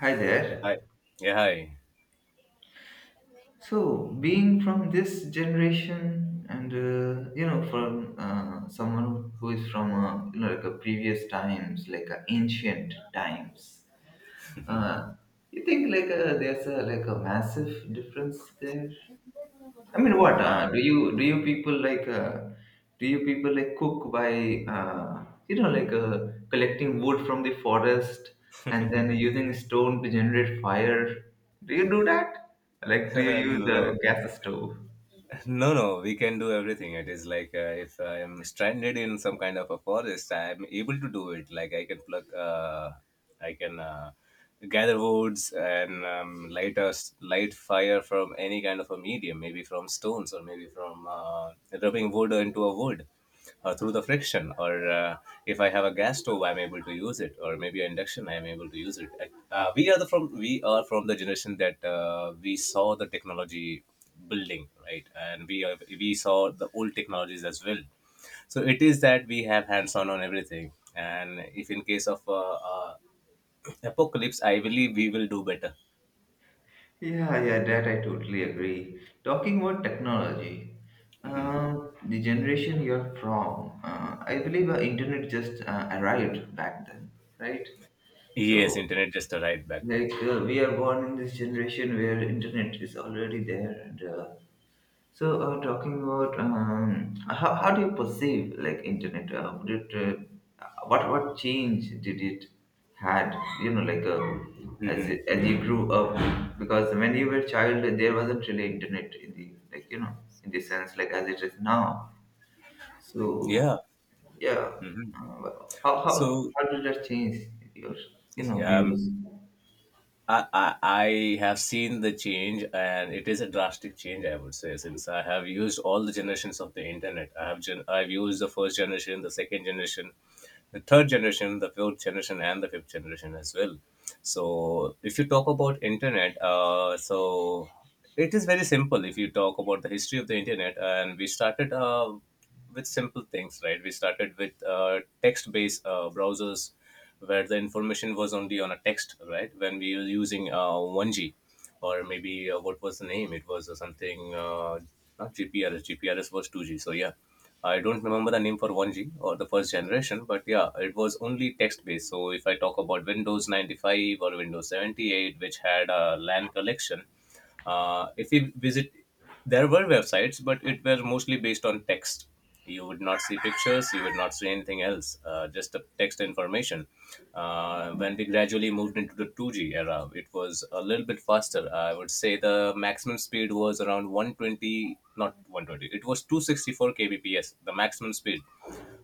Hi Yeah, hi. there. Yeah, hi. So, being from this generation, and from someone who is from like a previous times, like ancient times, uh, you think like there's a like a massive difference there. I mean, what do you people like? Do you people like cook by collecting wood from the forest and then using stone to generate fire? Do you do that? Like, do you use No, no, a gas stove? no, no. We can do everything. It is like, if I am stranded in some kind of a forest, I am able to do it. Like I can gather woods and light fire from any kind of a medium, maybe from stones or maybe from rubbing wood into a wood, through the friction or if I have a gas stove, I'm able to use it, or maybe an induction, I'm able to use it. We are from the generation that we saw the technology building, right? And we saw the old technologies as well. So it is that we have hands on everything, and if in case of apocalypse, I believe we will do better. Yeah, yeah, that I totally agree. Talking about technology, Mhm. The generation you're from, I Mhm. believe internet just arrived back then, right? Yes, So internet just arrived back then. like we are born in this generation where internet is already there and so talking about how do you perceive like internet would it what change did it had you know like uh, as Hmm. As you grew up because when you were a child there wasn't really internet in the in the sense like as it is now so Yeah. yeah Hmm. uh, how, how So, how did that change your yeah, views. I have seen the change, and it is a drastic change, I would say, since I have used all the generations of the internet. I've used the first generation, the second generation, the third generation, the fourth generation, and the fifth generation as well. So if you talk about internet, so it is very simple. If you talk about the history of the internet, and we started with simple things, right? We started with text-based browsers where the information was only on a text, right? When we were using 1G or maybe what was the name? It was something, not GPRS. GPRS was 2G. So yeah. I don't remember the name for 1G or the first generation, but yeah, it was only text based. So if I talk about Windows 95 or Windows 78, which had a LAN collection, if you visit, there were websites, but it was mostly based on text. You would not see pictures, you would not see anything else, just the text information. When we gradually moved into the 2G era, it was a little bit faster, I would say. The maximum speed was around 120, not 120, it was 264 kbps, the maximum speed,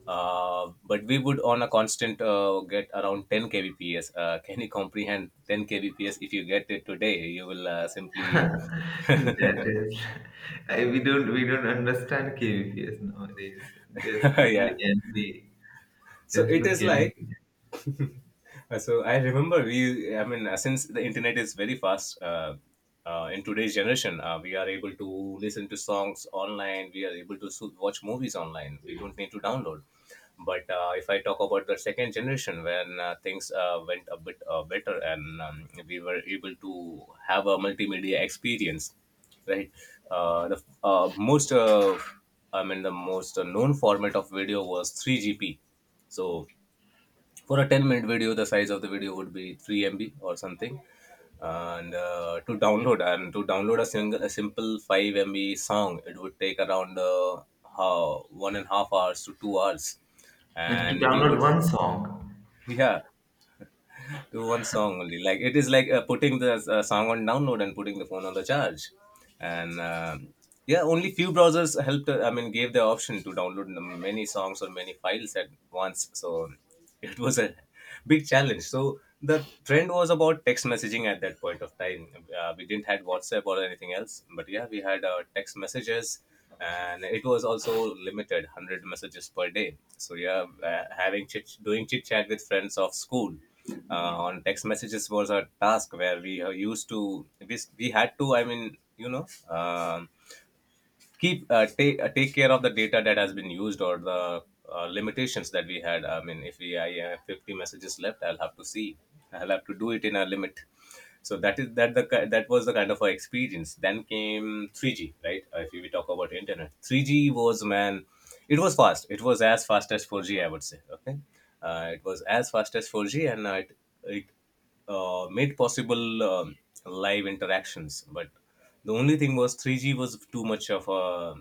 uh, but we would, on a constant, get around 10 kbps. Can you comprehend 10 kbps? If you get it today, you will simply... That is, we don't understand KVPs nowadays. There's there's only Yeah. MV. So There's it no is like, KVP. so I remember, I mean, since the internet is very fast, in today's generation, we are able to listen to songs online. We are able to watch movies online. We don't need to download. But if I talk about the second generation, when things went a bit better, and we were able to have a multimedia experience, right? Uh, the uh, most, uh, I mean, the most known format of video was 3GP. So for a 10-minute video, the size of the video would be 3 MB or something, and to download a simple 5 MB song, it would take around, 1.5 hours to 2 hours, To and we download would... one song. Yeah. To one song only. Like it is like, putting the song on download and putting the phone on the charge, and yeah, only few browsers helped, I mean, gave the option to download the many songs or many files at once. So it was a big challenge. So the trend was about text messaging at that point of time. We didn't had WhatsApp or anything else, but yeah, we had text messages, and it was also limited, 100 messages per day. So yeah, having chit doing chit chat with friends of school on text messages was a task, where we had to, I mean, um keep take take care of the data that has been used, or the limitations that we had. I mean, if we I have 50 messages left, I'll have to see. I'll have to do it in a limit. So that is, that the ki- that was the kind of a experience. Then came 3G, right? If we talk about internet, 3G was, man, it was fast. It was as fast as 4G, I would say. Okay, it was as fast as four G, and it made possible live interactions. But the only thing was, 3G was too much of a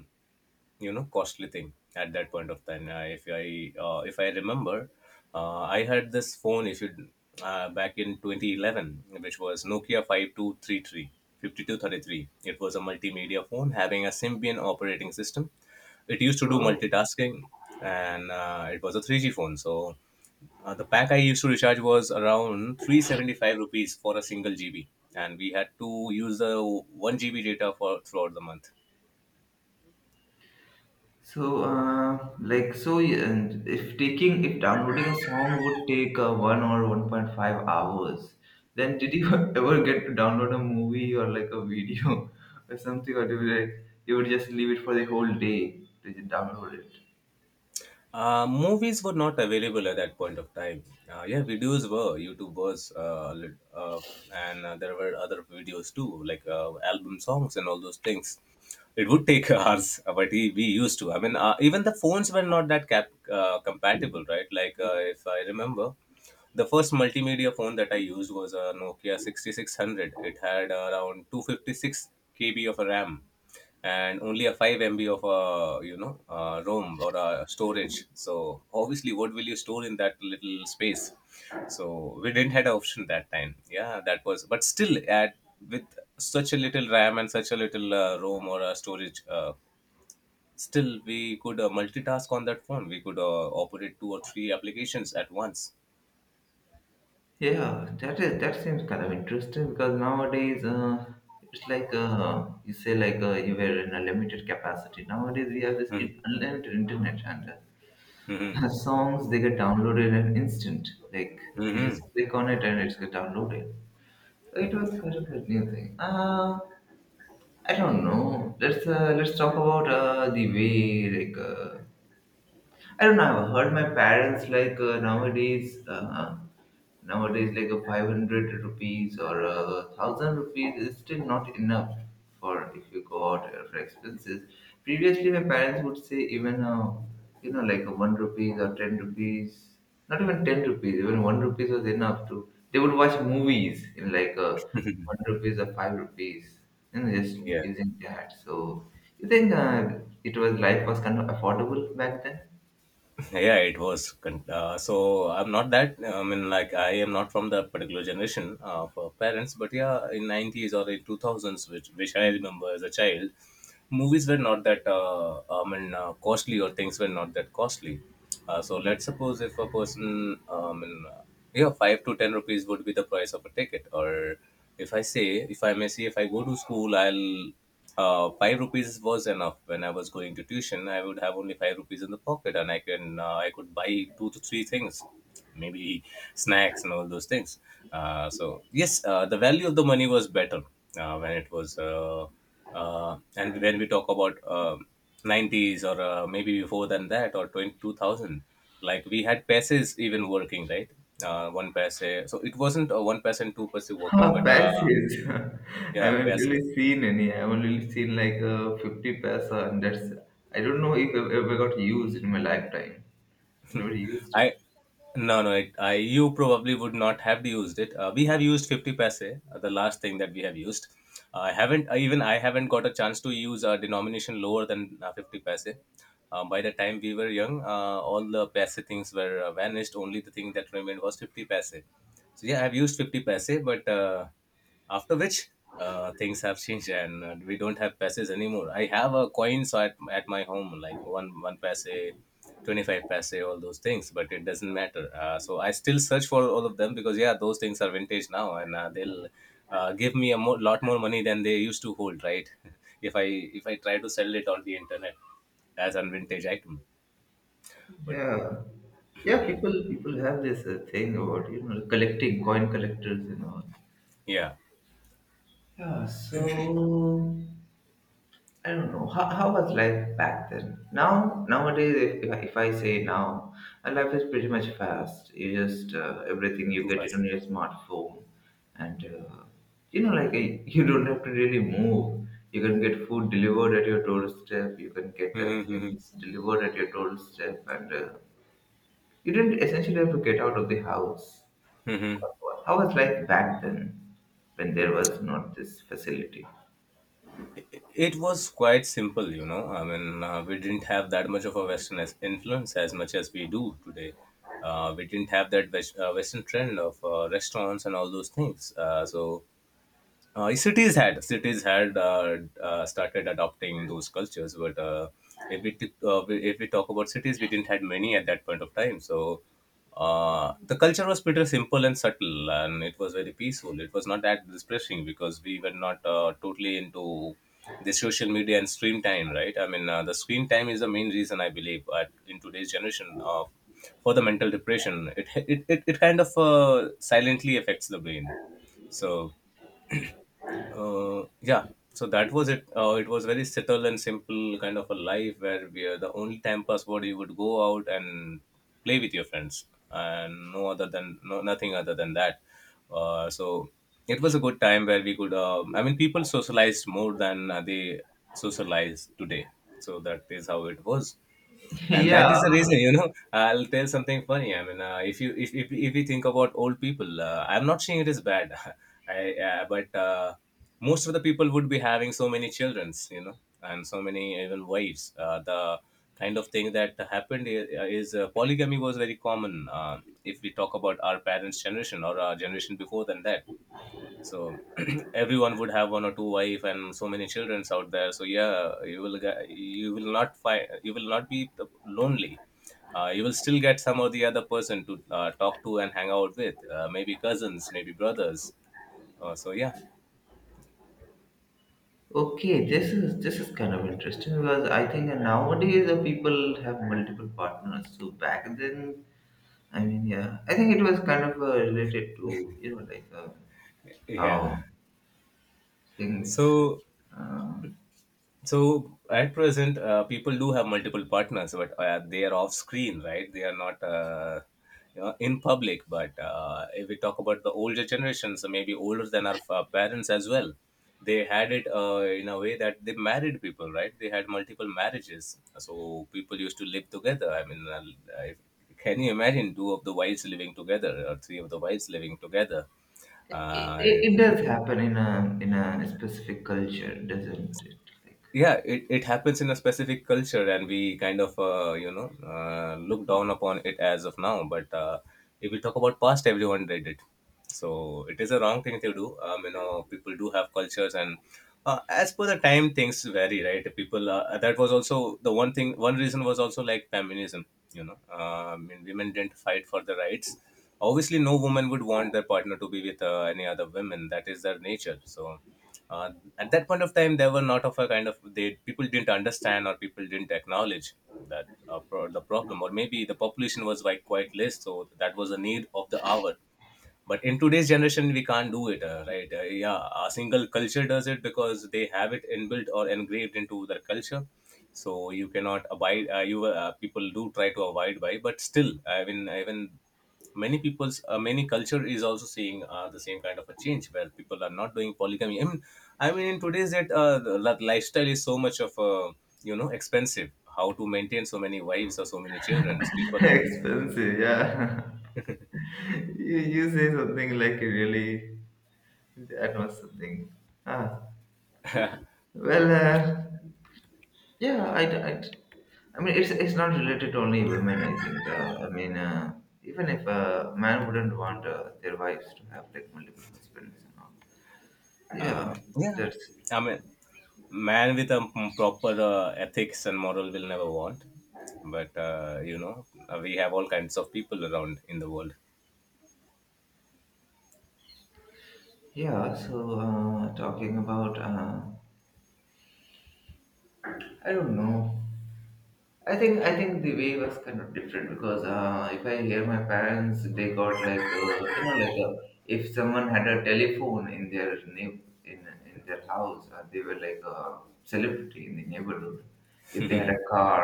costly thing at that point of time. If I remember, I had this phone issued back in 2011, which was Nokia 5233. 5233. It was a multimedia phone having a Symbian operating system. It used to do So multitasking, and it was a 3G phone. So the pack I used to recharge was around 375 rupees for a single GB, and we had to use the 1 GB data for throughout the month. so like so yeah, and if taking if downloading a song would take 1 or 1.5 hours, then did you ever get to download a movie or like a video or something or do you like you would just leave it for the whole day to download it? Movies were not available at that point of time. Yeah, videos were, YouTube was, and there were other videos too, like album songs and all those things. It would take hours, but we used to. I mean, even the phones were not that compatible, right? Like, if I remember, the first multimedia phone that I used was a Nokia 6600. It had around 256 KB of a RAM, and only a 5 MB of ROM or storage. So obviously, what will you store in that little space? So we didn't had an option that time. Yeah, that was. But still, at with such a little RAM and such a little ROM or storage, still we could multitask on that phone. We could operate two or three applications at once. Yeah, that is that seems kind of interesting because nowadays it's like you say like you were in a limited capacity. Nowadays we have this Mm-hmm. Unlimited internet and Mm-hmm. Songs they get downloaded in an instant. Like you Mm-hmm. just click on it and it's get downloaded. So it was kind of a new thing. I don't know. Let's talk about the way I don't know. I've heard my parents like nowadays. Nowadays, like a 500 rupees or a 1000 rupees is still not enough for if you go out for expenses. Previously, my parents would say even a, you know, like a 1 rupees or 10 rupees, not even 10 rupees, even 1 rupees was enough to, they would watch movies in like a 1 rupees or 5 rupees, and just Yeah. using that. So, you think it was life was kind of affordable back then? Yeah, it was so I'm not that, I mean, like, I am not from the particular generation of parents, but yeah, in 90s or in 2000s, which I remember as a child, movies were not that I mean costly, or things were not that costly. So let's suppose, if a person I mean yeah, 5 to 10 rupees would be the price of a ticket. Or if I say if I may say if I go to school, I'll... 5 rupees was enough when I was going to tuition. I would have only 5 rupees in the pocket, and I could buy two to three things, maybe snacks and all those things. So yes, the value of the money was better, when it was, and when we talk about nineties, or maybe before than that, or twenty two thousand, like we had passes even working, right. 1 paise, so it wasn't 1%, 2% working, Ah, but passes. I yeah, haven't passes. really seen any. I've only seen like 50 paisa, and that's. I don't know if I ever got used in my lifetime. I never used it. I no no it, I you probably would not have used it. We have used 50 paise, the last thing that we have used. I haven't even I haven't got a chance to use a denomination lower than 50 paise. By the time we were young, all the paise things were vanished. Only the thing that remained was 50 paise. So yeah, I've used 50 paise, but after which things have changed, and we don't have paise anymore. I have a coins at my home, like one paise, 25 paise, all those things, but it doesn't matter. So I still search for all of them, because yeah, those things are vintage now, and they'll give me a lot more money than they used to hold, right? If I try to sell it on the internet as an vintage item, but Yeah, yeah. People have this thing about collecting coin collectors and all. yeah, Yeah. So. I don't know how was life back then. Now nowadays, if I say now, life is pretty much fast. You just everything you too get it on fast. your smartphone, and you know like uh, you don't have to really move. You can get food delivered at your doorstep. You can get things delivered at your doorstep, and you didn't essentially have to get out of the house. How was life back then, when there was not this facility? It was quite simple. I mean, we didn't have that much of a Western as influence as much as we do today. We didn't have that Western trend of restaurants and all those things. So cities had started adopting those cultures, but if we talk about cities, we didn't had many at that point of time. So the culture was pretty simple and subtle, and it was very peaceful. It was not that distressing, because we were not totally into the social media and screen time, right? I mean, the screen time is the main reason, I believe, in today's generation, for the mental depression. It kind of silently affects the brain. So uh, yeah so that was it. It was very subtle and simple kind of a life where we are the only time pass what you would go out and play with your friends and no other than no, nothing other than that. So it was a good time where we could I mean people socialized more than they socialize today. So that is how it was. And that is Yeah. the reason, you know, I'll tell something funny. I mean, if you if we think about old people, I'm not saying it is bad. I, but Most of the people would be having so many childrens, you know, and so many even wives. The kind of thing that happened is, is polygamy was very common. If we talk about our parents generation or our generation before than that. So everyone would have one or two wife and so many childrens out there. So yeah, you will not find, you will not be lonely. You will still get some or the other person to talk to and hang out with, maybe cousins, maybe brothers. So yeah. Okay, this is kind of interesting because I think nowadays the people have multiple partners. So back then, I mean, yeah, I think it was kind of related to Yeah, how things. so. Uh, So at present, people do have multiple partners, but they are off screen, right? They are not you know, in public. But if we talk about the older generations, so maybe older than our parents as well, they had it in a way that they married people, right? They had multiple marriages, so people used to live together. I mean, if can you imagine two of the wives living together or three of the wives living together? Uh, it does happen in a specific culture, doesn't it? Like yeah, it happens in a specific culture, and we kind of you know, look down upon it as of now. But if we talk about past, everyone did it. So it is a wrong thing to do. You know, people do have cultures, and as per the time things vary, right? People that was also the one thing, one reason was also like feminism, you know. I mean, women didn't fight for the rights. Obviously no woman would want their partner to be with any other women, that is their nature. So uh, at that point of time there were not of a kind of they, people didn't understand or people didn't acknowledge that the problem, or maybe the population was like quite less, so that was a need of the hour. But in today's generation we can't do it, right? Yeah. A single culture does it because they have it inbuilt or engraved into their culture. So you cannot abide. You People do try to avoid by, but still, I mean, even many people's many culture is also seeing the same kind of a change where people are not doing polygamy. I mean in today's that the lifestyle is so much of you know, expensive. How to maintain so many wives or so many children, people? expensive, yeah. You say something like really that was something. Ah, well. Yeah, I mean, it's not related to only women. I think. I mean, even if a man wouldn't want their wives to have like multiple husbands and all. Yeah, Yeah, that's I mean, man with a proper ethics and moral will never want. But you know, we have all kinds of people around in the world. yeah. So talking about, I don't know. I think the way was kind of different because if I hear my parents, they got like if someone had a telephone in their in their house, they were like a celebrity in the neighborhood. If they had a car,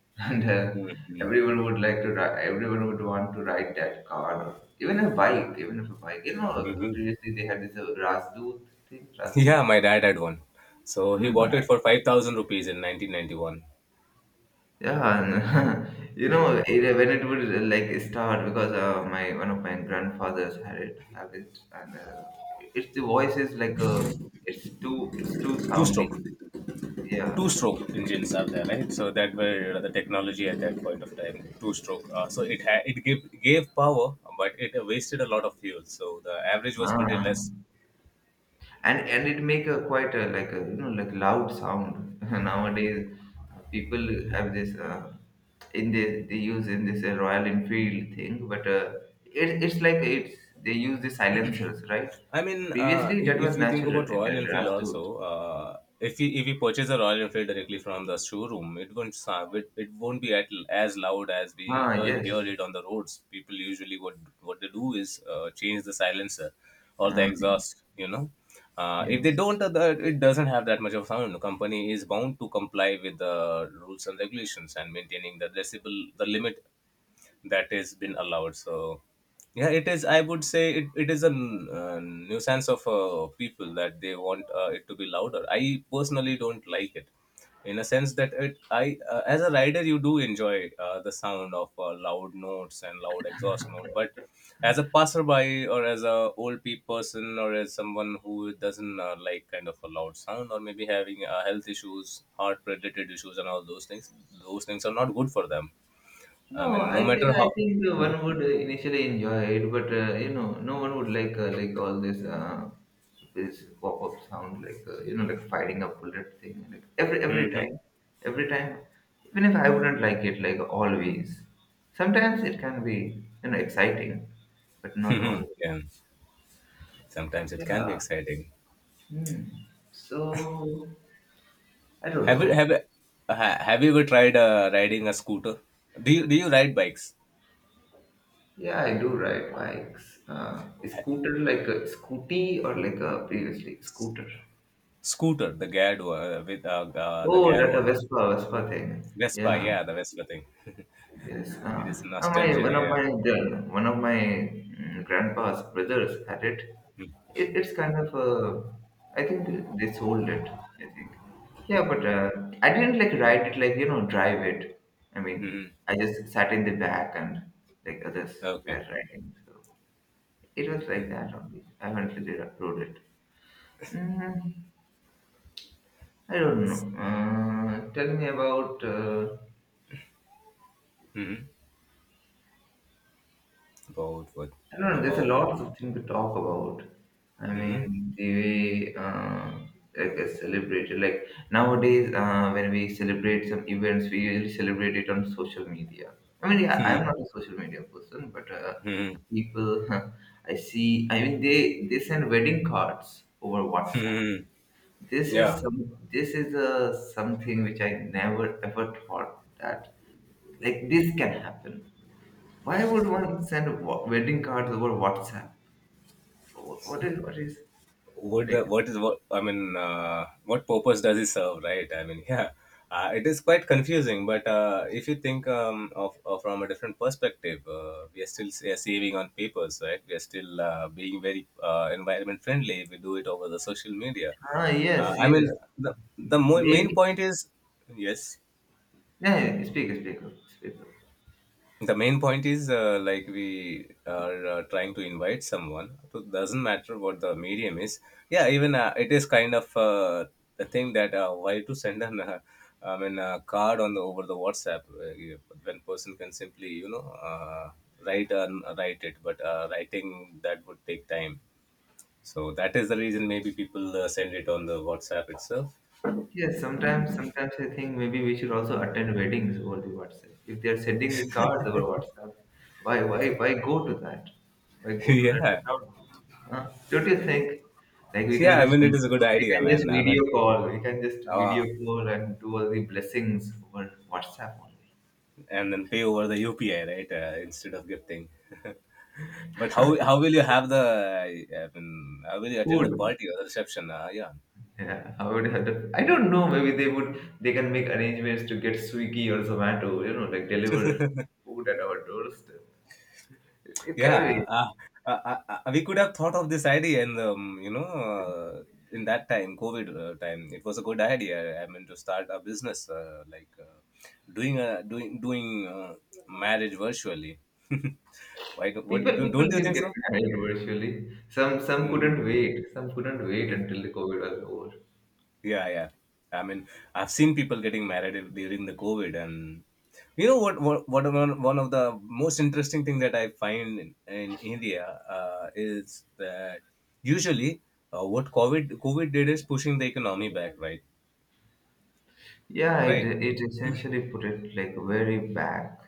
and Mhm. everyone would like to ride, everyone would want to ride that car, or even a bike, even if a bike. You know, Mhm. previously they had this Rasdoot thing, Yeah, Rasdoot. my dad had one. So he bought it for 5,000 rupees in 1991. Yeah, and you know, it, when it would like start because my one of my grandfathers had it, have it, and it's the voice is like a, it's too Two soundy. stroke. Yeah, Two stroke engines are there, right? So that were the technology at that point of time. Two stroke. So it gave, gave power, but it wasted a lot of fuel. So the average was pretty ah. less. And it make a quite a like a you know like loud sound. Nowadays, people have this in the they use in this Royal Enfield thing, but it, it's like it's they use the silencers, right? I mean, uh, Previously, if, that if was we think about natural in Royal that Enfield Razdu. also, if we purchase a Royal Enfield directly from the showroom, it won't sound, it won't be at, as loud as we Ah, hear, yes. hear it on the roads. People usually what they do is change the silencer or the Ah, exhaust. You know, if they yes. don't, it doesn't have that much of sound. The company is bound to comply with the rules and regulations and maintaining the decibel the limit that has been allowed. So yeah, it is, I would say it is a nuisance of people that they want it to be louder. I personally don't like it, in a sense that it I as a rider you do enjoy the sound of loud notes and loud exhaust note. But as a passerby or as a old person or as someone who doesn't like kind of a loud sound or maybe having health issues, heart related issues and all those things, those things are not good for them. I No, mean, no I think matter I how. think uh, Hmm. one would initially enjoy it, but you know, no one would like all this this pop-up sound, like you know, like firing a bullet thing. Like Hmm, hmm, every time, even if I wouldn't like it, like always. Sometimes it can be you know exciting, but hmm, not hmm. always. Yeah, sometimes it can be Yeah. exciting. Hmm. So I don't Have you know. have you, have you ever tried riding a scooter? Do you ride bikes? Yeah, I do ride bikes. Scooter, like a scooty or like a previously scooter. Scooter, the geared one, with the Oh, gear that a one. Vespa, Vespa thing. Vespa, Yeah, yeah, the Vespa thing. yes. It is My nostalgia. one of my Yeah. the, one of my grandpa's brothers had it. It. It's kind of I think they sold it. I think. Yeah, but I didn't like ride it like you know drive it. I mean, Hmm. I just sat in the back and like others were Okay. riding. So. It was like that only. I haven't really wrote it. Mm, I don't know. Tell me about. Hmm. About what? I don't know. There's a About. lot of things to talk about. I Hmm. mean, the way like it's celebrated. Like nowadays, when we celebrate some events, we usually celebrate it on social media. I mean, yeah, Hmm. I'm not a social media person, but Hmm. people I see. I mean, they send wedding cards over WhatsApp. Hmm. This is Yeah. some. This is a something which I never ever thought that like this can happen. Why would one send wedding cards over WhatsApp? What is What the like? what is what, I mean, what purpose does it serve, right? I mean yeah, it is quite confusing. But if you think, of from a different perspective, we are still saving on papers, right? We are still being very environment friendly. We do it over the social media. Ah, yes, I mean, yes. the main Maybe. point is, yes, Yeah, yeah, speak. the main point is, like we are trying to invite someone, so it doesn't matter what the medium is. Yeah, even it is kind of the thing that why to send an I mean a card on the over the WhatsApp, when person can simply, you know, uh, write and write it. But writing that would take time, so that is the reason maybe people send it on the WhatsApp itself. Yes, sometimes I think maybe we should also attend weddings over the WhatsApp. If they are sending the cards over WhatsApp, why why go to that? Why go to that Yeah. account? Huh? Don't you think? Like we Yeah, can I just mean it is a good we idea, can just man. I video mean, call. We can just uh, video call and do all the blessings over WhatsApp only. and then pay over the UPI, right? Instead of gifting. But how will you have the? I mean, how will you attend the Food. party or the reception? Yeah. Yeah, I would have to, I don't know. Maybe they would. They can make arrangements to get Swiggy or Zomato. You know, like deliver food at our doorstep. It can Yeah. be. Uh, uh, uh, we could have thought of this idea, and you know, in that time, COVID time, it was a good idea. I mean, to start a business like doing a doing doing marriage virtually. Why? Do what People do, people don't you did think get so? married virtually. Some Mm-hmm. couldn't wait. Some couldn't wait until the COVID was over. Yeah, yeah. I mean, I've seen people getting married during the COVID, and you know what? One of the most interesting thing that I find in India is that usually what COVID did is pushing the economy back, right? Yeah, it Right. it essentially put it like very back.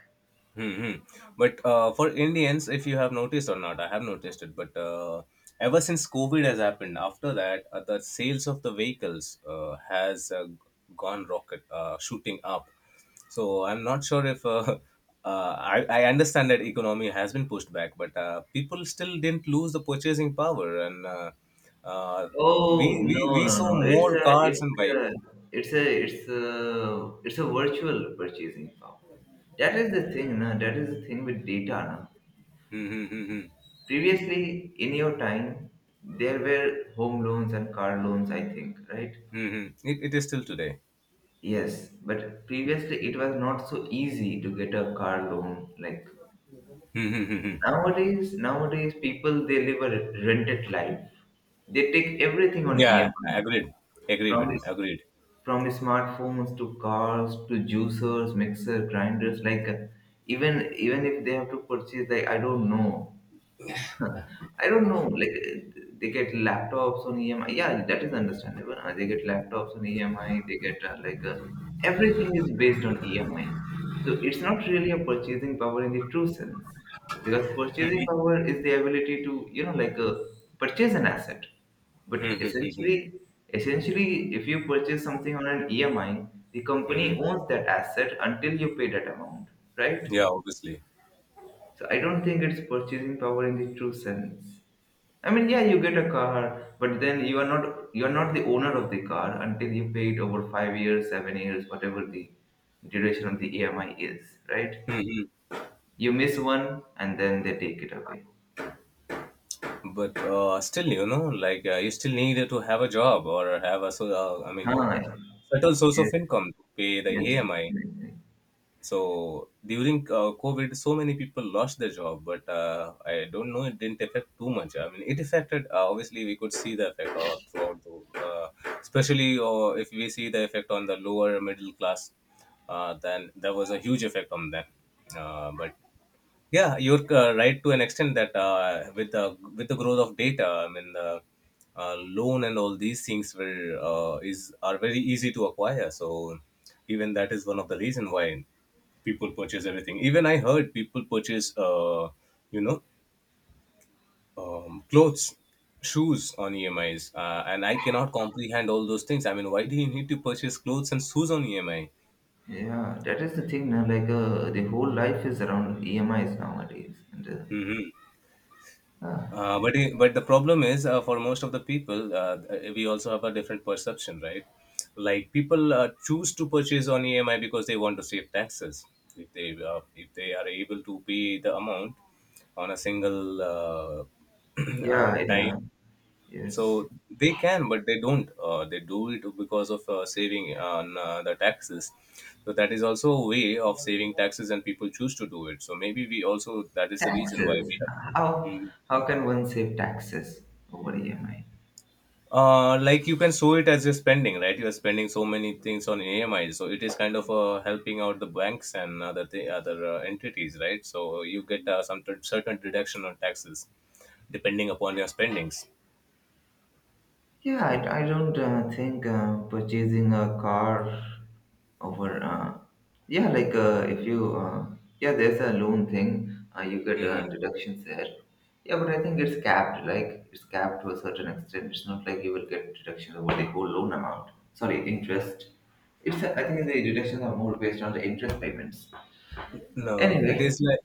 Hmm. Hmm. But for Indians, if you have noticed or not, I have noticed it. But ever since COVID has happened, after that, the sales of the vehicles has gone rocket, shooting up. So I'm not sure if I understand that economy has been pushed back. But people still didn't lose the purchasing power, and uh, we, Oh, no, we we no, saw no! More cars it's and bike. a it's a it's a virtual purchasing power. That is the thing, na. That is the thing with data, na. Mm-hmm. Previously, in your time, there were home loans and car loans. I think, right? Mm-hmm. It is still today. Yes, but previously it was not so easy to get a car loan. Like Mm-hmm. nowadays, nowadays people they live a rented life. They take everything on Yeah, EMI, agreed. Agreed, from madam. this, Agreed. from the smartphones to cars to juicers, mixer, grinders. Like even even if they have to purchase, like I don't know, huh. I don't know. Like they get laptops on EMI. Yeah, that is understandable. They get laptops on EMI. They get everything is based on EMI. So it's not really a purchasing power in the true sense, because purchasing power is the ability to you know like purchase an asset. But Hmm. essentially, essentially, if you purchase something on an EMI, the Hmm. company owns that asset until you pay that amount, right? Yeah, obviously. So I don't think it's purchasing power in the true sense. I mean, yeah, you get a car, but then you are not the owner of the car until you pay it over 5 years, 7 years, whatever the duration of the EMI is, right? Hmm. You miss one, and then they take it away. But still, you know, like you still need to have a job or have a so I mean, you know, Ah, certain source of yes, income to pay the yes, EMI. definitely. So during COVID, so many people lost their job, but I don't know, it didn't affect too much. I mean, it affected. Obviously, we could see the effect throughout the, especially if we see the effect on the lower middle class, then there was a huge effect on them. But yeah, you're right to an extent that with the growth of data, I mean, the loan and all these things were is are very easy to acquire. So even that is one of the reason why people purchase everything. Even I heard people purchase, you know, clothes, shoes on EMIs, and I cannot comprehend all those things. I mean, why do you need to purchase clothes and shoes on EMI? Yeah, that is the thing now. Like, the whole life is around EMIs nowadays, and Hmm. ah, But but the problem is, for most of the people, we also have a different perception, right? Like people choose to purchase on EMI because they want to save taxes. If they are able to pay the amount on a single yeah, time, yeah, yes, so they can, but they don't. They do it because of saving on the taxes. So that is also a way of saving taxes, and people choose to do it. So maybe we also that is the reason why taxes. we How have. how can one save taxes over EMI? Like you can show it as you're spending, right? You're spending so many things on ami, so it is kind of helping out the banks and other entities, right? So you get certain deduction on taxes depending upon your spendings. Yeah, I don't think purchasing a car over, yeah, like if you, yeah, there's a loan thing, you get Mhm. Deductions there. Yeah, but I think it's capped, like it's capped to a certain extent. It's not like you will get deductions over the whole loan amount. Sorry, interest. It's I think the deductions are more based on the interest payments. No, it is Anyway, like,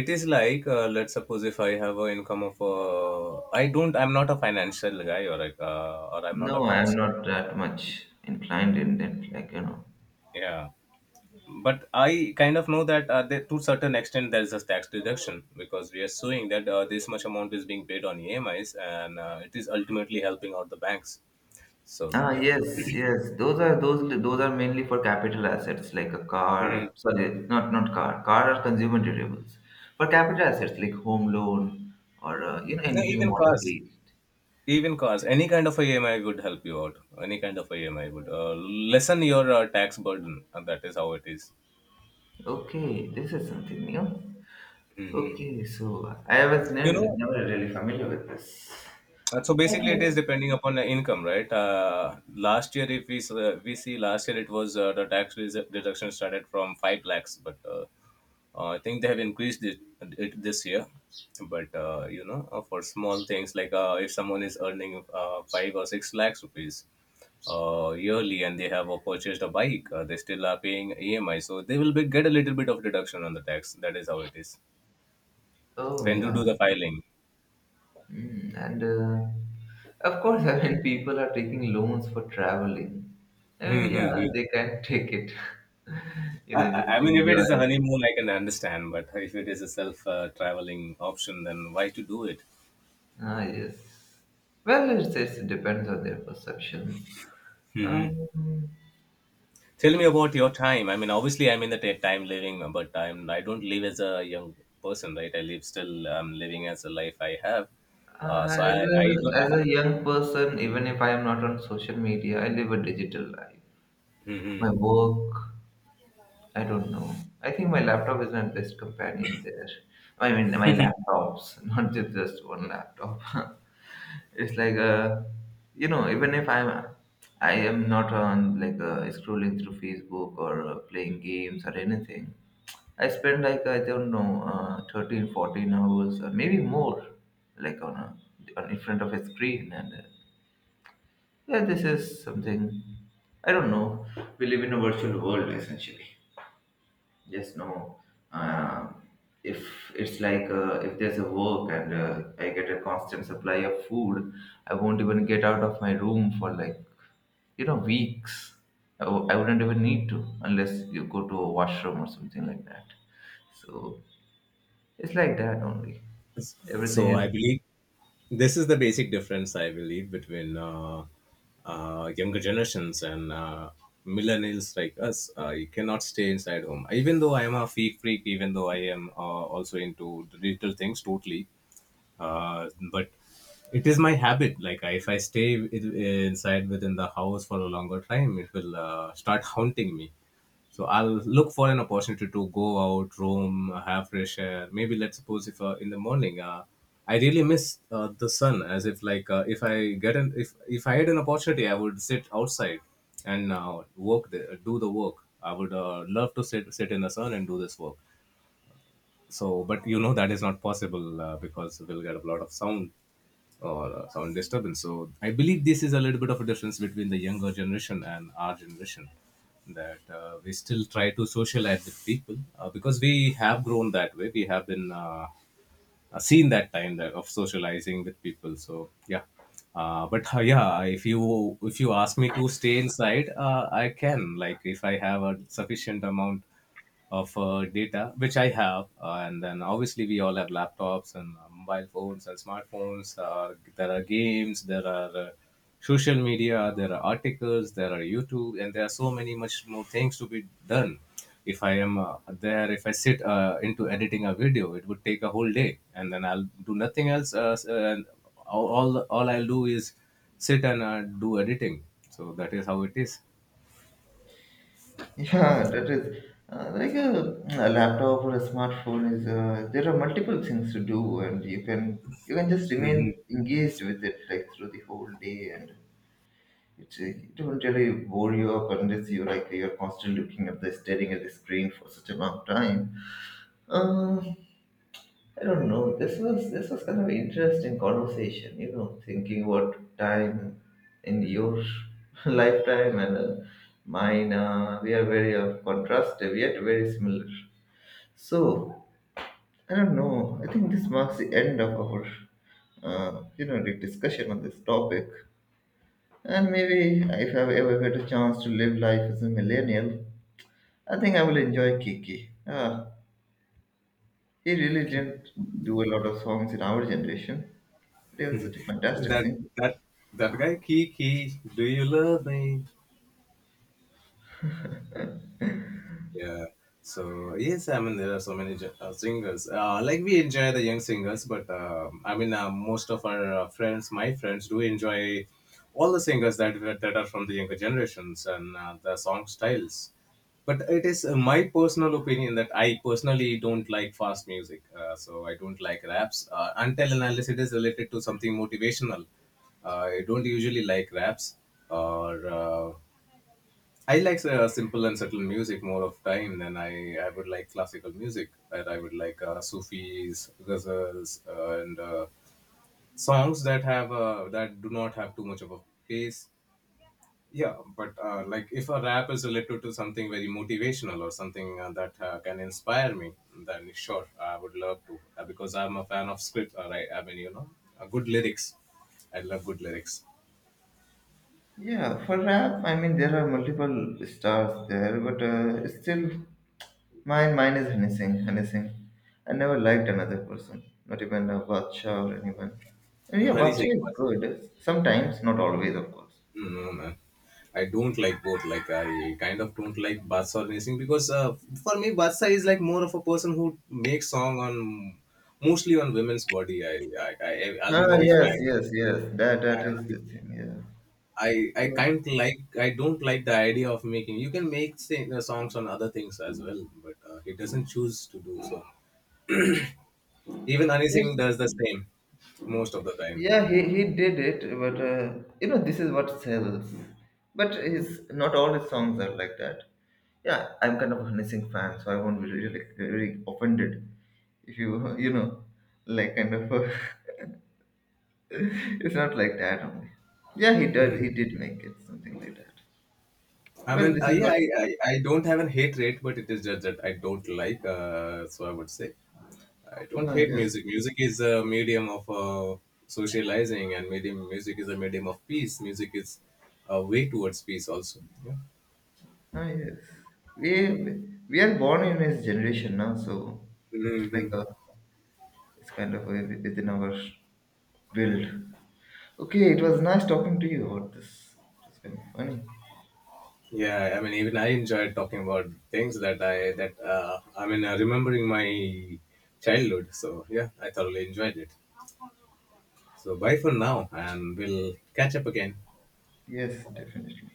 it is like let's suppose if I have an income of I don't, I'm not a financial guy, or like or I'm not no, accounts I'm guy. not that much inclined in it, like, you know. Yeah. But I kind of know that to certain extent there is a tax deduction because we are suing that this much amount is being paid on EMIs, and it is ultimately helping out the banks. So Ah, yeah. yes, yes. Those are those are mainly for capital assets like a car. Mhm. Sorry, not car. Car are consumer durables. For capital assets like home loan or you know No, anything mortgage. even cars, any kind of a EMI would help you out. Any kind of a EMI would lessen your tax burden, and that is how it is. Okay, this is something new. Mhm. Okay, so I was You never know, never really familiar with this. So I basically, it is think. depending upon the income, right? Last year, if we s- we see last year, it was deduction started from 5 lakhs, but I think they have increased it, it this year. But you know, for small things like if someone is earning 5 or 6 lakhs rupees yearly, and they have purchased a bike, they still are paying EMI, so they will be, get a little bit of deduction on the tax. That is how it is Oh when you do yeah, the filing. mm, and of course, I mean people are taking loans for traveling. I mean, yeah, they can take it. you know, I just mean, if it is a enjoy. honeymoon, I can understand. But if it is a self-traveling option, then why to do it? Ah, yes. Well, it depends on their perceptions. Hmm. Um, Tell me about your time. I mean, obviously, I'm in the time living, but I don't live as a young person, right? I live still. I'm living as a life I have. Uh, so I I don't. as a young person, even if I am not on social media, I live a digital life. My Hmm. work, I don't know. I think my laptop is my best companion there. I mean, my laptops, not just one laptop. it's like a, you know, even if I'm, I am not on like scrolling through Facebook or playing games or anything. I spent like I don't know 13 14 hours or maybe more like on a on in front of a screen and yeah, this is something I don't know, we live in a virtual world essentially, just know, uh, if it's like if there's a work and I get a constant supply of food, I won't even get out of my room for like, you know, weeks. I wouldn't even need to unless you go to a washroom or something like that. So it's like that only. Everything So I is, believe this is the basic difference I believe between younger generations and millennials like us. You cannot stay inside home even though I am a freak, even though I am also into digital things totally. But It is my habit, like I, if I stay I- inside within the house for a longer time, it will start haunting me. So I'll look for an opportunity to go out, roam, have fresh air. Maybe let's suppose if in the morning, I really miss the sun. As if like if I had an opportunity, I would sit outside and do the work. I would love to sit in the sun and do this work. So but you know that is not possible because we'll get a lot of sound or sound disturbance. So I believe this is a little bit of a difference between the younger generation and our generation, that we still try to socialize with people because we have grown that way. We have been seen that time that of socializing with people. So yeah. But yeah, if you ask me to stay inside, I can. Like if I have a sufficient amount of data, which I have. And then obviously we all have laptops and mobile phones and smartphones. There are games, there are social media, there are articles, there are YouTube, and there are so many much more things to be done. If if I sit into editing a video, it would take a whole day, and then I'll do nothing else. And all I'll do is sit and do editing. So that is how it is. yeah, that is like a laptop or a smartphone is, there are multiple things to do and you can, you can just remain engaged with it like through the whole day, and it, it won't really bore you up unless you like you're constantly looking at the staring at the screen for such a long time. Um I don't know. This was kind of interesting conversation. You know, thinking about time in your lifetime and mine. We are very contrastive yet very similar. So I don't know. I think this marks the end of our you know the discussion on this topic. And maybe if I ever get a chance to live life as a millennial, I think I will enjoy Kiki. He really didn't do a lot of songs in our generation. It was such a fantastic that scene. that that guy Key key, do you love me? Yeah. So yes, I mean there are so many singers. Like we enjoy the young singers, but I mean most of our friends, my friends, do enjoy all the singers that are from the younger generations and the song styles. But it is my personal opinion that I personally don't like fast music. So I don't like raps until and unless it is related to something motivational. I don't usually like raps or. I like simple and subtle music more of time than I would like classical music. That I would like Sufis, ghazals, and songs that have that do not have too much of a pace. Yeah, but like if a rap is related to something very motivational or something that can inspire me, then sure, I would love to because I'm a fan of script. All right, I mean you know, good lyrics. I love good lyrics. Yeah, for rap, I mean, there are multiple stars there, but still, mine is Honey Singh. Honey Singh. I never liked another person, not even Bacha or anyone. And yeah, Honey Bacha Singh. is good sometimes, not always, of course. No, man. I don't like both. Like I kind of don't like Badshah or anything because for me, Badshah is like more of a person who makes song on mostly on women's body. I'll be Ah, very frank, yes, yes, yes. That is and the thing. Yeah, I yeah. kind of like I don't like the idea of making. You can make songs on other things as well, but he doesn't choose to do so. Even Honey Singh It's does the same most of the time. yeah, he did it, but you know, this is what sells. But his not all his songs are like that. Yeah, I'm kind of a Hissing fan, so I won't be really, really offended if you, you know, like kind of. It's not like that only. Yeah, he did. Mm-hmm. He did make it something like that. I Well, mean, this is what. I don't have a hate rate, but it is just that I don't like. So I would say I don't Ah, hate yes. music. Music is a medium of socializing, and medium music is a medium of peace. Music is a way towards peace, also. Yeah. Ah, yes. We are born in his generation now, so it's like Hmm. a, it's kind of a, within our build. Okay, it was nice talking to you about this. It was kind of funny. Yeah. I mean, even I enjoyed talking about things that I mean, remembering my childhood. So yeah, I thoroughly enjoyed it. So bye for now, and we'll catch up again. Yes, definitely.